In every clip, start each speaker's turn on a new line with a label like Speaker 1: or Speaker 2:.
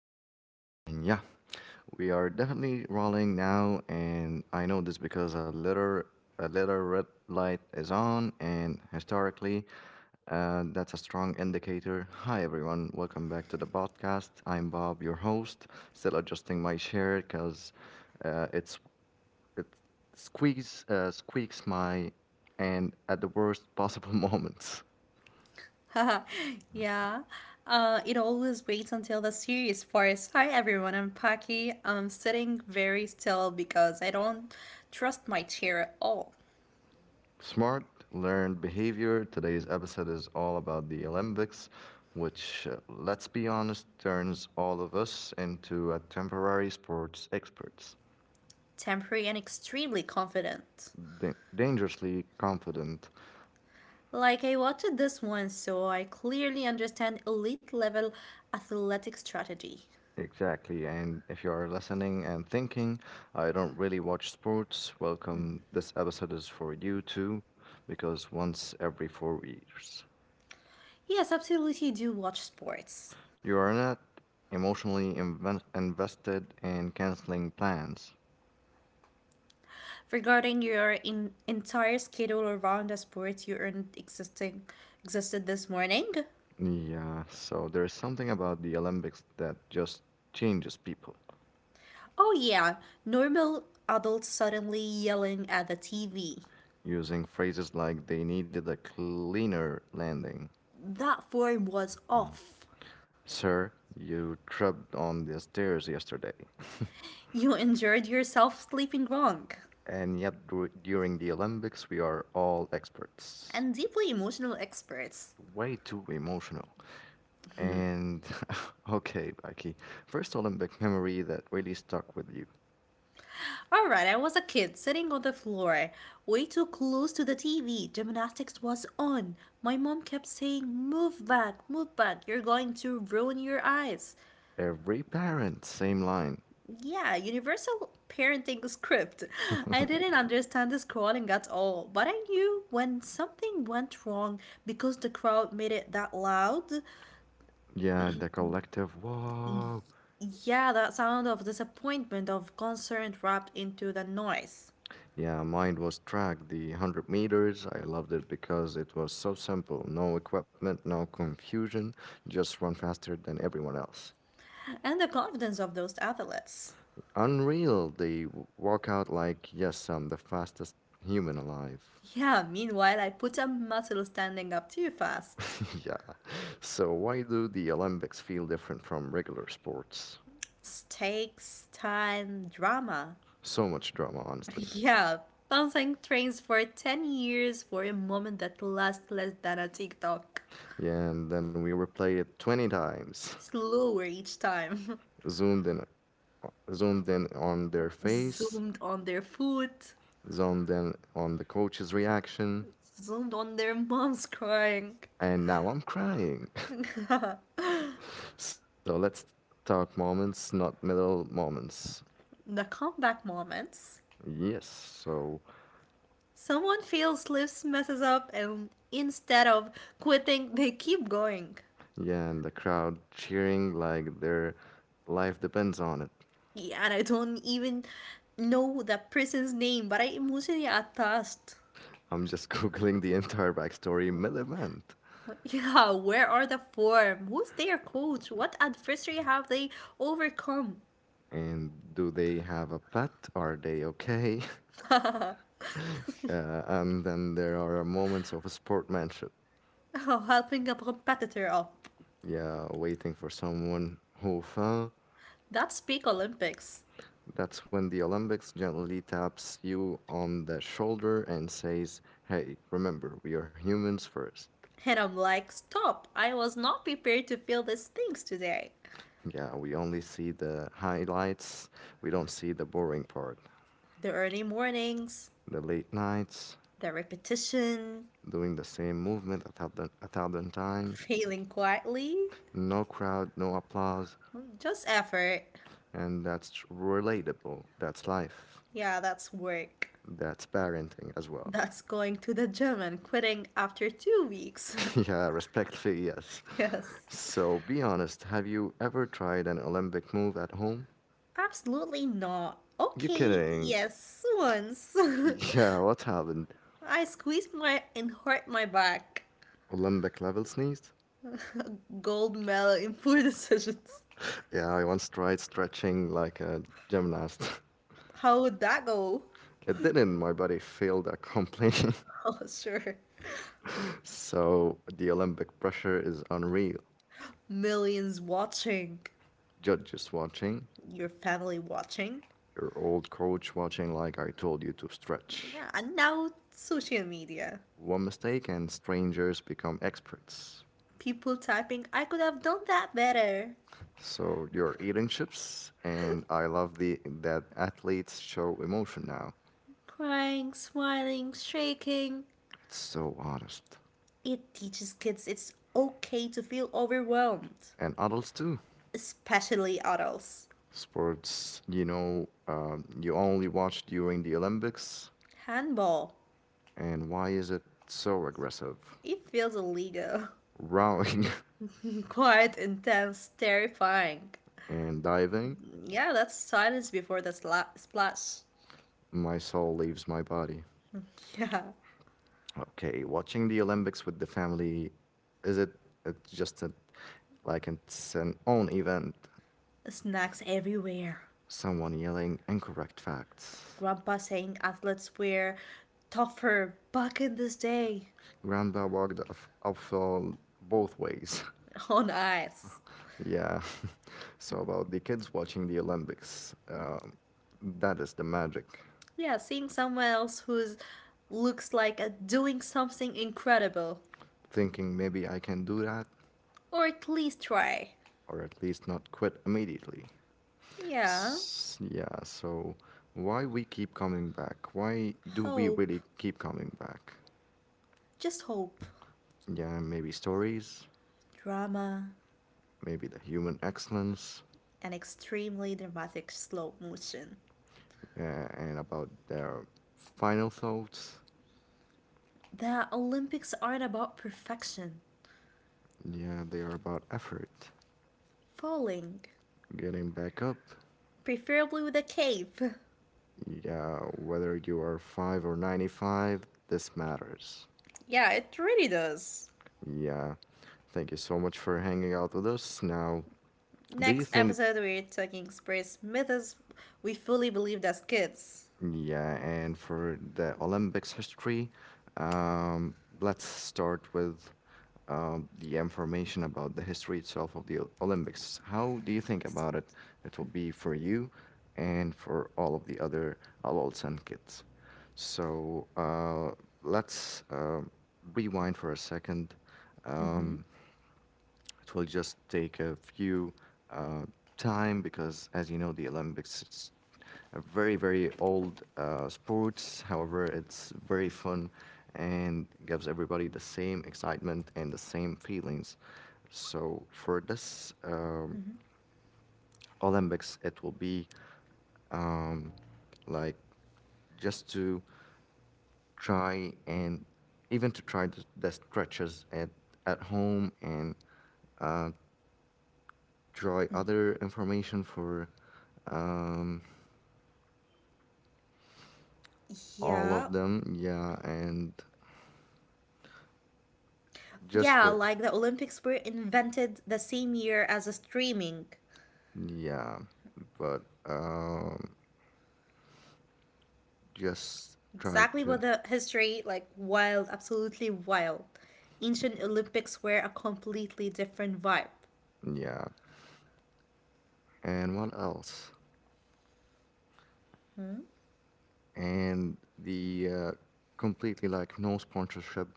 Speaker 1: And yeah, we are definitely rolling now, and I know this because a letter red light is on, and historically, that's a strong indicator. Hi everyone, welcome back to the podcast. I'm Bob, your host. Still adjusting my chair because uh, it's it squeaks squeaks my and at the worst possible moment.
Speaker 2: Yeah, it always waits until the series starts. Hi everyone, I'm Paki. I'm sitting very still because I don't trust my chair at all.
Speaker 1: Smart learned behavior. Today's episode is all about the Olympics, which, let's be honest, turns all of us into a temporary sports experts.
Speaker 2: Temporary and extremely confident.
Speaker 1: Dangerously confident.
Speaker 2: Like I watched this one, so I clearly understand elite level athletic strategy.
Speaker 1: Exactly. And if you are listening and thinking, I don't really watch sports, welcome. This episode is for you too, because once every 4 years,
Speaker 2: Yes, absolutely do watch sports.
Speaker 1: you are not emotionally invested in canceling plans.
Speaker 2: Regarding your entire schedule around the sports you earned existing existed this morning.
Speaker 1: Yeah, so there's something about the Olympics that just changes people.
Speaker 2: Oh, yeah, normal adults suddenly yelling at the TV.
Speaker 1: Using phrases like they needed a cleaner landing.
Speaker 2: That form was
Speaker 1: Mhm.
Speaker 2: off.
Speaker 1: Sir, you tripped on the stairs yesterday.
Speaker 2: You enjoyed yourself sleeping wrong.
Speaker 1: And yet, during the Olympics, we are all experts.
Speaker 2: And deeply emotional experts.
Speaker 1: Way too emotional. And okay, Becky, first Olympic memory that really stuck with you.
Speaker 2: Alright, I was a kid sitting on the floor, way too close to the TV. Gymnastics was on. My mom kept saying, "Move back, move back, you're going to ruin your eyes."
Speaker 1: Every parent, same line.
Speaker 2: Yeah, universal parenting script. I didn't understand the scrolling at all, but I knew when something went wrong because the crowd made it that loud.
Speaker 1: Yeah, the collective, whoa.
Speaker 2: Yeah, that sound of disappointment, of concern wrapped into the noise,
Speaker 1: Yeah, mine was track, the 100 meters. I loved it because it was so simple. No equipment, no confusion, just run faster than everyone else.
Speaker 2: and the confidence of those athletes.
Speaker 1: Unreal, they walk out like, yes, I'm the fastest human alive.
Speaker 2: Yeah, meanwhile, I put a muscle standing up too fast.
Speaker 1: Yeah. So, why do the Olympics feel different from regular sports?
Speaker 2: Stakes, time, drama.
Speaker 1: So much drama, honestly.
Speaker 2: Yeah, bouncing trains for 10 years for a moment that lasts less than a TikTok.
Speaker 1: Yeah, and then we replay it 20 times,
Speaker 2: Slower each time.
Speaker 1: zoomed in, zoomed in on their face,
Speaker 2: Zoomed on their food,
Speaker 1: zoomed in on the coach's reaction.
Speaker 2: zoomed on their moms crying.
Speaker 1: And now I'm crying. So let's talk moments, not middle moments.
Speaker 2: The comeback moments.
Speaker 1: Yes. So,
Speaker 2: Someone fails, slips, messes up, and instead of quitting, they keep going.
Speaker 1: yeah, and the crowd cheering like their life depends on it.
Speaker 2: Yeah, and I don't even know the person's name, but I emotionally attached.
Speaker 1: I'm just Googling the entire backstory mid event.
Speaker 2: Yeah, where are the form? Who's their coach? What adversary have they overcome?
Speaker 1: And do they have a pet? Are they okay? And then there are moments of sportmanship.
Speaker 2: Oh, helping a competitor up.
Speaker 1: Yeah, waiting for someone who fell.
Speaker 2: That's peak Olympics.
Speaker 1: That's when the Olympics gently taps you on the shoulder and says, Hey, remember, we are humans first.
Speaker 2: And I'm like, stop, I was not prepared to feel these things today.
Speaker 1: Yeah, we only see the highlights, we don't see the boring part.
Speaker 2: The early mornings,
Speaker 1: The late nights,
Speaker 2: the repetition,
Speaker 1: doing the same movement a thousand times,
Speaker 2: failing quietly,
Speaker 1: no crowd, no applause,
Speaker 2: just effort.
Speaker 1: and that's relatable. That's life.
Speaker 2: Yeah, that's work.
Speaker 1: That's parenting as well.
Speaker 2: That's going to the gym and quitting after 2 weeks.
Speaker 1: Yeah, respectfully, yes.
Speaker 2: Yes.
Speaker 1: So be honest, have you ever tried an Olympic move at home?
Speaker 2: Absolutely not.
Speaker 1: You're
Speaker 2: Okay,
Speaker 1: kidding.
Speaker 2: yes, once.
Speaker 1: Yeah, what happened?
Speaker 2: I squeezed my and hurt my back.
Speaker 1: Olympic level sneeze?
Speaker 2: Gold medal in four decisions.
Speaker 1: Yeah, I once tried stretching like a gymnast.
Speaker 2: How would that go?
Speaker 1: It didn't, my body failed at completely.
Speaker 2: Oh, sure.
Speaker 1: So the Olympic pressure is unreal.
Speaker 2: Millions watching.
Speaker 1: Judges watching,
Speaker 2: Your family watching.
Speaker 1: your old coach watching like I told you to stretch.
Speaker 2: Yeah, and now social media.
Speaker 1: One mistake and strangers become experts.
Speaker 2: People typing, I could have done that better.
Speaker 1: So you're eating chips and I love the that athletes show emotion now.
Speaker 2: Crying, smiling, shaking.
Speaker 1: It's so honest.
Speaker 2: It teaches kids it's okay to feel overwhelmed,
Speaker 1: And adults too.
Speaker 2: especially adults.
Speaker 1: Sports, you only watch during the Olympics,
Speaker 2: Handball.
Speaker 1: and why is it so aggressive?
Speaker 2: It feels illegal.
Speaker 1: Rowing
Speaker 2: Quite intense, terrifying.
Speaker 1: and diving,
Speaker 2: Yeah, that's silence before the splash.
Speaker 1: my soul leaves my body.
Speaker 2: Yeah.
Speaker 1: Okay, watching the Olympics with the family, is it it's just a, like it's an own event?
Speaker 2: Snacks everywhere.
Speaker 1: Someone yelling incorrect facts.
Speaker 2: Grandpa saying athletes wear tougher back in this day
Speaker 1: Grandpa walked off both ways.
Speaker 2: on ice.
Speaker 1: Yeah. So about the kids watching the Olympics, that is the magic.
Speaker 2: Yeah, seeing someone else who's looks like doing something incredible.
Speaker 1: Thinking maybe I can do that
Speaker 2: Or at least try.
Speaker 1: or at least not quit immediately.
Speaker 2: Yeah.
Speaker 1: Yeah, so why we keep coming back? Why do we
Speaker 2: Hope.
Speaker 1: really keep coming back?
Speaker 2: Just hope.
Speaker 1: Yeah, maybe stories,
Speaker 2: Drama.
Speaker 1: maybe the human excellence,
Speaker 2: An extremely dramatic slow motion.
Speaker 1: yeah, and about their final thoughts.
Speaker 2: The Olympics aren't about perfection,
Speaker 1: Yeah, they are about effort,
Speaker 2: falling,
Speaker 1: getting back up.
Speaker 2: preferably with a cape.
Speaker 1: Yeah, whether you are 5 or 95, this matters.
Speaker 2: Yeah, it really does.
Speaker 1: Yeah. Thank you so much for hanging out with us. Now, do you
Speaker 2: Next
Speaker 1: think
Speaker 2: episode, we're talking space myths we fully believed as kids.
Speaker 1: yeah, and for the Olympics history, um, let's start with the information about the history itself of the Olympics. How do you think about it? It will be for you and for all of the other adults and kids. So let's rewind for a second.
Speaker 2: Mm-hmm.
Speaker 1: Um, it will just take a few uh, time because, as you know, the Olympics a very very old sports. However, it's very fun and gives everybody the same excitement and the same feelings. So for this
Speaker 2: Mm-hmm.
Speaker 1: Olympics, it will be um, like just to try and even to try the stretches at home and uh, try other information for um, all
Speaker 2: Yeah.
Speaker 1: of them. Yeah, and just
Speaker 2: Yeah,
Speaker 1: for
Speaker 2: like the Olympics were invented the same year as the streaming.
Speaker 1: yeah, but um, just try
Speaker 2: Exactly,
Speaker 1: to
Speaker 2: but the history, like wild, absolutely wild. Ancient Olympics were a completely different vibe.
Speaker 1: yeah. And what else? And the completely like no sponsorship,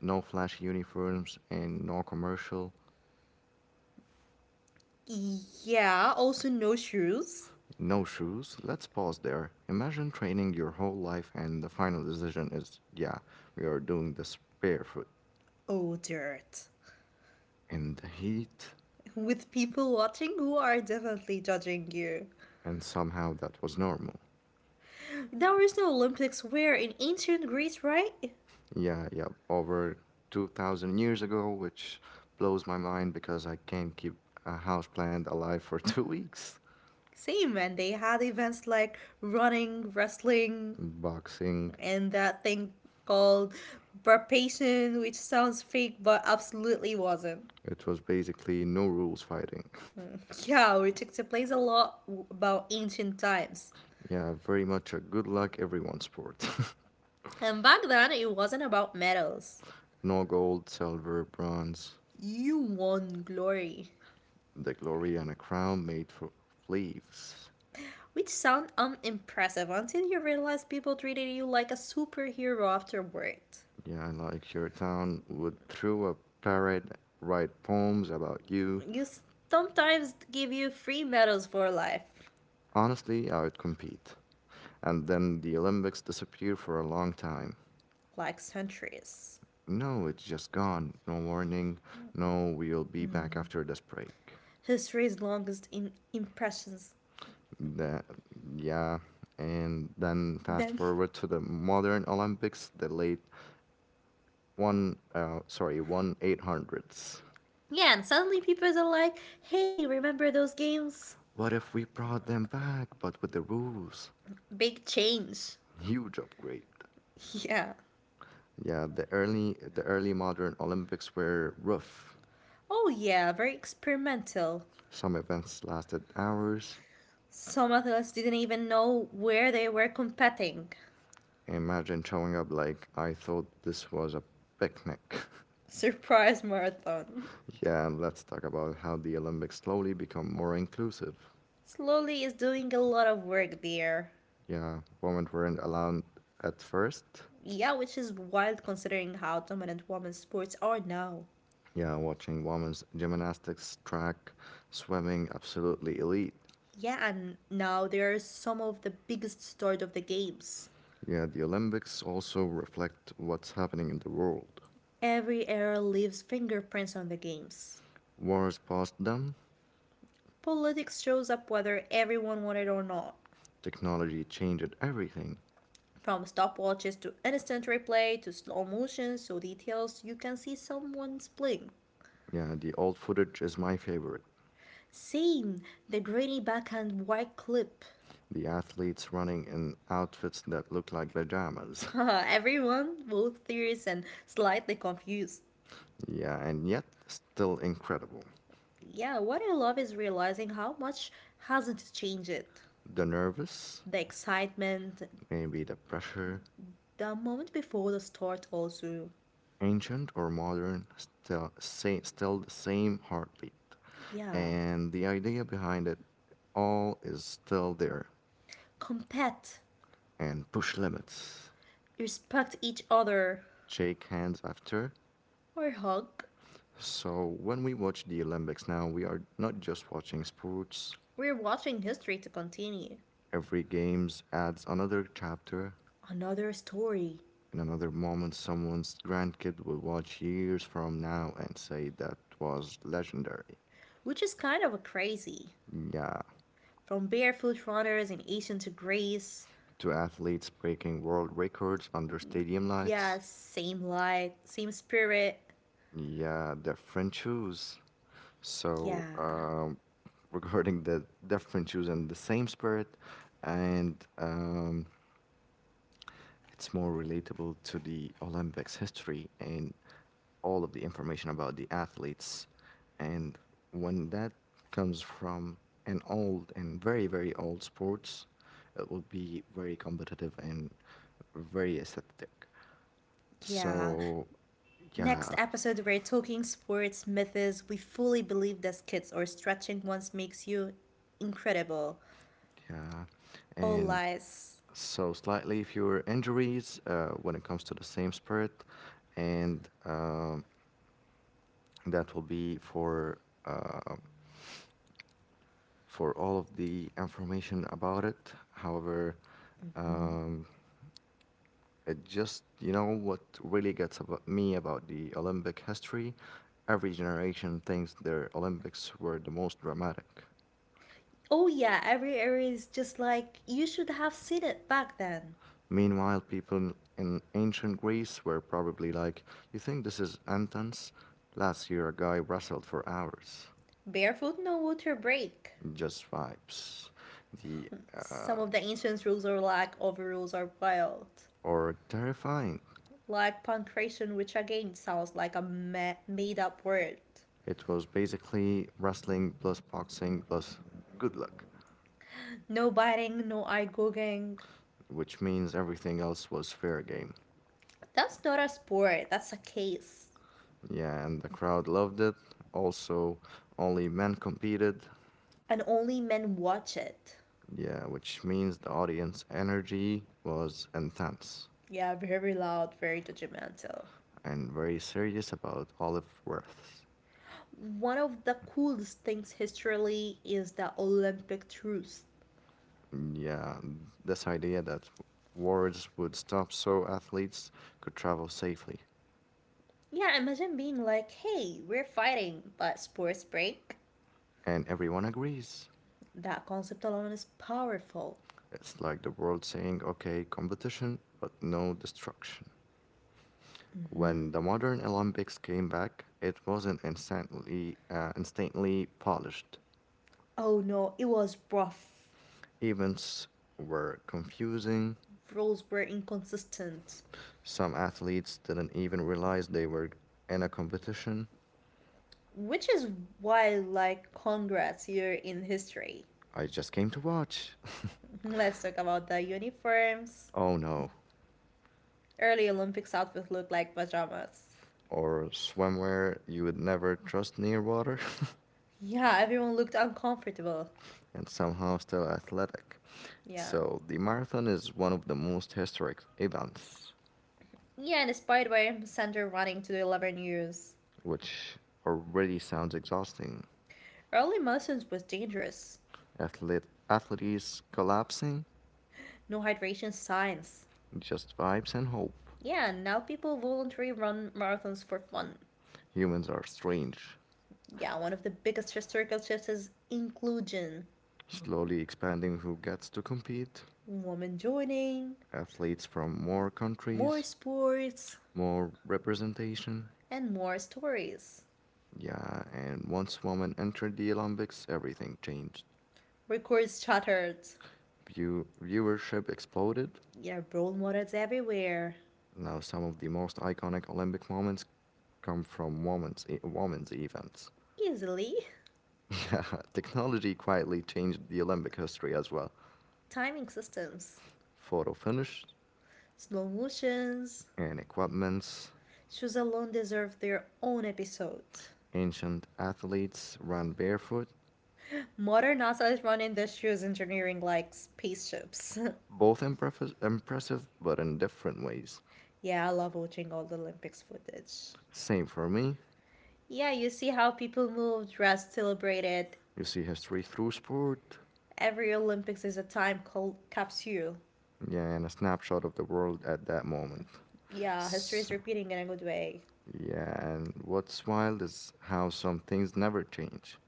Speaker 1: no flashy uniforms, and no commercial,
Speaker 2: Yeah, also no shoes.
Speaker 1: no shoes. Let's pause there. Imagine training your whole life, and the final decision is yeah, we are doing this barefoot
Speaker 2: Oh, dirt.
Speaker 1: in the heat,
Speaker 2: With people watching who are definitely judging you.
Speaker 1: and somehow that was normal.
Speaker 2: There was no Olympics where in ancient Greece, right?
Speaker 1: Yeah, yeah, over 2,000 years ago, which blows my mind because I can't keep a houseplant alive for 2 weeks.
Speaker 2: Same, and they had events like running, wrestling,
Speaker 1: Boxing,
Speaker 2: and that thing called burpation, which sounds fake but absolutely wasn't.
Speaker 1: it was basically no rules fighting.
Speaker 2: Yeah, which explains a lot about ancient times.
Speaker 1: Yeah, very much a good luck everyone sport.
Speaker 2: And back then, it wasn't about medals.
Speaker 1: No gold, silver, bronze,
Speaker 2: You won glory.
Speaker 1: the glory and a crown made for leaves.
Speaker 2: Which sound unimpressive until you realize people treated you like a superhero afterward.
Speaker 1: Yeah, like your town would throw a parade, write poems about you.
Speaker 2: You sometimes give you free medals for life,
Speaker 1: Honestly, I would compete and then the Olympics disappear for a long time.
Speaker 2: like centuries.
Speaker 1: No, it's just gone. No warning. No, we'll be back after this break.
Speaker 2: History's longest in impressions.
Speaker 1: That, yeah. And then fast
Speaker 2: Then,
Speaker 1: forward to the modern Olympics, the late 1800s.
Speaker 2: yeah, and suddenly people are like, hey, remember those games?
Speaker 1: What if we brought them back, but with the rules?
Speaker 2: Big change.
Speaker 1: Huge upgrade.
Speaker 2: Yeah.
Speaker 1: Yeah, the early modern Olympics were rough.
Speaker 2: Oh, yeah, very experimental.
Speaker 1: Some events lasted hours.
Speaker 2: Some athletes didn't even know where they were competing.
Speaker 1: Imagine showing up like I thought this was a picnic.
Speaker 2: Surprise marathon.
Speaker 1: Yeah, and let's talk about how the Olympics slowly become more inclusive.
Speaker 2: Slowly is doing a lot of work there.
Speaker 1: Yeah, women weren't allowed at first.
Speaker 2: Yeah, which is wild considering how dominant women's sports are now.
Speaker 1: Yeah, watching women's gymnastics, track, swimming, absolutely elite.
Speaker 2: Yeah, and now they are some of the biggest stars of the games.
Speaker 1: Yeah, the Olympics also reflect what's happening in the world.
Speaker 2: Every era leaves fingerprints on the games.
Speaker 1: Wars passed them,
Speaker 2: Politics shows up whether everyone wanted or not.
Speaker 1: technology changed everything.
Speaker 2: From stopwatches to instant replay to slow motion, so details you can see someone's playing.
Speaker 1: Yeah, the old footage is my favorite.
Speaker 2: Same, the grainy backhand white clip.
Speaker 1: The athletes running in outfits that look like pajamas.
Speaker 2: Everyone, both serious and slightly confused.
Speaker 1: Yeah, and yet still incredible.
Speaker 2: Yeah, what I love is realizing how much hasn't changed.
Speaker 1: The nervous,
Speaker 2: The excitement,
Speaker 1: maybe the pressure,
Speaker 2: the moment before the start, also.
Speaker 1: ancient or modern, still, say, still the same heartbeat.
Speaker 2: Yeah.
Speaker 1: And the idea behind it all is still there.
Speaker 2: Compete,
Speaker 1: And push limits,
Speaker 2: respect each other,
Speaker 1: shake hands after.
Speaker 2: or hug.
Speaker 1: So when we watch the Olympics now, we are not just watching sports.
Speaker 2: We're watching history to continue.
Speaker 1: Every games adds another chapter.
Speaker 2: Another story,
Speaker 1: In another moment, someone's grandkid will watch years from now and say that was legendary.
Speaker 2: which is kind of crazy.
Speaker 1: Yeah,
Speaker 2: From barefoot runners in Ancient to Greece.
Speaker 1: to athletes breaking world records under stadium
Speaker 2: Yeah,
Speaker 1: lights.
Speaker 2: same light, same spirit.
Speaker 1: Yeah, different shoes. So,
Speaker 2: Yeah,
Speaker 1: regarding the different shoes and the same spirit, and it's more relatable to the Olympics history and all of the information about the athletes. And when that comes from an old and very, very old sports, it will be very competitive and very aesthetic.
Speaker 2: yeah.
Speaker 1: So,
Speaker 2: Next
Speaker 1: yeah,
Speaker 2: episode, we're talking sports myths we fully believed as kids, or stretching once makes you incredible.
Speaker 1: yeah,
Speaker 2: All
Speaker 1: and
Speaker 2: lies.
Speaker 1: so slightly fewer injuries when it comes to the same sport, and that will be uh, for all of the information about it. However, um, it just you know what really gets about me about the Olympic history. Every generation thinks their Olympics were the most dramatic.
Speaker 2: Oh, yeah, every area is just like you should have seen it back then.
Speaker 1: Meanwhile, people in ancient Greece were probably like, you think this is Anton's? Last year, a guy wrestled for hours.
Speaker 2: Barefoot, no water break.
Speaker 1: Just vibes. The, uh,
Speaker 2: Some of the ancient rules are like overrules are wild.
Speaker 1: or terrifying.
Speaker 2: Like pancreation, which again sounds like a made up word.
Speaker 1: It was basically wrestling plus boxing plus good luck,
Speaker 2: No biting, no eye gouging.
Speaker 1: which means everything else was fair game.
Speaker 2: That's not a sport, that's a case.
Speaker 1: Yeah, and the crowd loved it. Also, only men competed.
Speaker 2: And only men watch it.
Speaker 1: Yeah, which means the audience energy was intense,
Speaker 2: Yeah, very loud, very judgmental.
Speaker 1: and very serious about olive worths.
Speaker 2: One of the coolest things historically is the Olympic truce.
Speaker 1: Yeah, this idea that wars would stop so athletes could travel safely.
Speaker 2: Yeah, imagine being like, hey, we're fighting, but sports break.
Speaker 1: And everyone agrees.
Speaker 2: That concept alone is powerful.
Speaker 1: It's like the world saying, okay, competition, but no destruction. When the modern Olympics came back, it wasn't instantly polished.
Speaker 2: Oh no, it was rough.
Speaker 1: Events were confusing.
Speaker 2: Rules were inconsistent.
Speaker 1: Some athletes didn't even realize they were in a competition.
Speaker 2: Which is why, like, congrats, you're in history.
Speaker 1: I just came to watch.
Speaker 2: Let's talk about the uniforms.
Speaker 1: Oh no,
Speaker 2: Early Olympics outfits looked like pajamas.
Speaker 1: or swimwear you would never trust near water,
Speaker 2: Yeah, everyone looked uncomfortable.
Speaker 1: and somehow still athletic.
Speaker 2: Yeah.
Speaker 1: So the marathon is one of the most historic events,
Speaker 2: Yeah, and inspired by Sander running to the 11 years.
Speaker 1: which already sounds exhausting.
Speaker 2: Early marathons was dangerous.
Speaker 1: Athletes collapsing,
Speaker 2: No hydration signs.
Speaker 1: just vibes and hope.
Speaker 2: Yeah, and now people voluntarily run marathons for fun.
Speaker 1: Humans are strange,
Speaker 2: Yeah, one of the biggest historical shifts is inclusion.
Speaker 1: slowly expanding who gets to compete.
Speaker 2: Women joining,
Speaker 1: Athletes from more
Speaker 2: more
Speaker 1: countries,
Speaker 2: sports,
Speaker 1: more representation.
Speaker 2: and more stories.
Speaker 1: Yeah, and once women entered the Olympics, everything changed.
Speaker 2: Records shattered.
Speaker 1: Viewership exploded.
Speaker 2: Yeah, role models everywhere.
Speaker 1: Now, some of the most iconic Olympic moments come from women's events.
Speaker 2: Easily.
Speaker 1: Technology quietly changed the Olympic history as well.
Speaker 2: Timing systems.
Speaker 1: Photo finish
Speaker 2: Slow motions.
Speaker 1: and equipments,
Speaker 2: Shoes alone deserve their own episode.
Speaker 1: ancient athletes ran barefoot,
Speaker 2: Modern NASA is run industrials engineering like spaceships.
Speaker 1: both impressive but in different ways.
Speaker 2: Yeah, I love watching all the Olympics footage.
Speaker 1: Same for me.
Speaker 2: Yeah, you see how people move, dress, celebrated.
Speaker 1: You see history through sport.
Speaker 2: Every Olympics is a time called capsule.
Speaker 1: Yeah, and a snapshot of the world at that moment.
Speaker 2: Yeah, history is repeating in a good way.
Speaker 1: Yeah, and what's wild is how some things never change.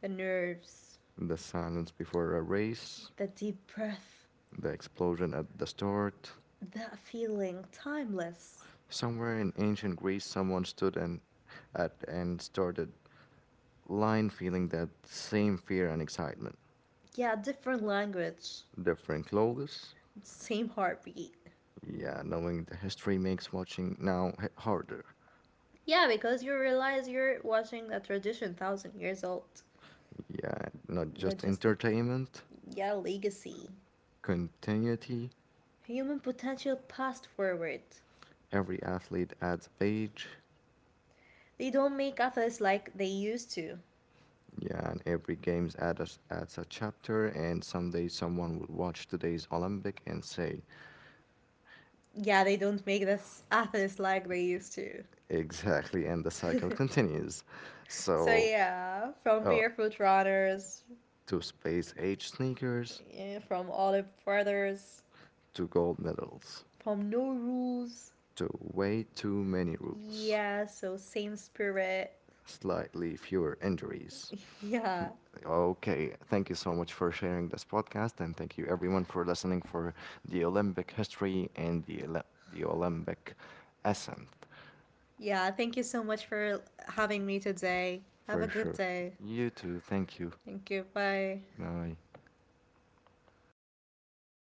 Speaker 2: The nerves,
Speaker 1: The silence before a race,
Speaker 2: the deep breath,
Speaker 1: the explosion at the start.
Speaker 2: that feeling, timeless.
Speaker 1: Somewhere in ancient Greece, someone stood and at and started line feeling that same fear and excitement.
Speaker 2: Yeah, different language,
Speaker 1: Different clothes.
Speaker 2: same heartbeat.
Speaker 1: Yeah, knowing the history makes watching now harder.
Speaker 2: Yeah, because you realize you're watching a tradition 1,000 years old,
Speaker 1: Yeah, not
Speaker 2: not
Speaker 1: just
Speaker 2: just,
Speaker 1: entertainment,
Speaker 2: yeah, legacy.
Speaker 1: continuity.
Speaker 2: Human potential passed forward.
Speaker 1: Every athlete adds a page,
Speaker 2: They don't make others like they used to.
Speaker 1: yeah, and every games adds a chapter, and someday someone will watch today's Olympic and say,
Speaker 2: Yeah, they don't make this others like they used to.
Speaker 1: exactly, and the cycle continues.
Speaker 2: So
Speaker 1: So,
Speaker 2: yeah, from
Speaker 1: uh,
Speaker 2: barefoot runners,
Speaker 1: to space age sneakers,
Speaker 2: yeah, from olive brothers,
Speaker 1: to gold medals,
Speaker 2: from no rules.
Speaker 1: to way too many rules,
Speaker 2: Yeah, so same spirit.
Speaker 1: slightly fewer injuries.
Speaker 2: Yeah.
Speaker 1: Okay, thank you so much for sharing this podcast, and thank you everyone for listening for the Olympic history and the Olympic ascent
Speaker 2: Yeah, thank you so much for having me today. Have a
Speaker 1: for
Speaker 2: good
Speaker 1: sure.
Speaker 2: day.
Speaker 1: You too. Thank you.
Speaker 2: Thank you. Bye.
Speaker 1: Rồi,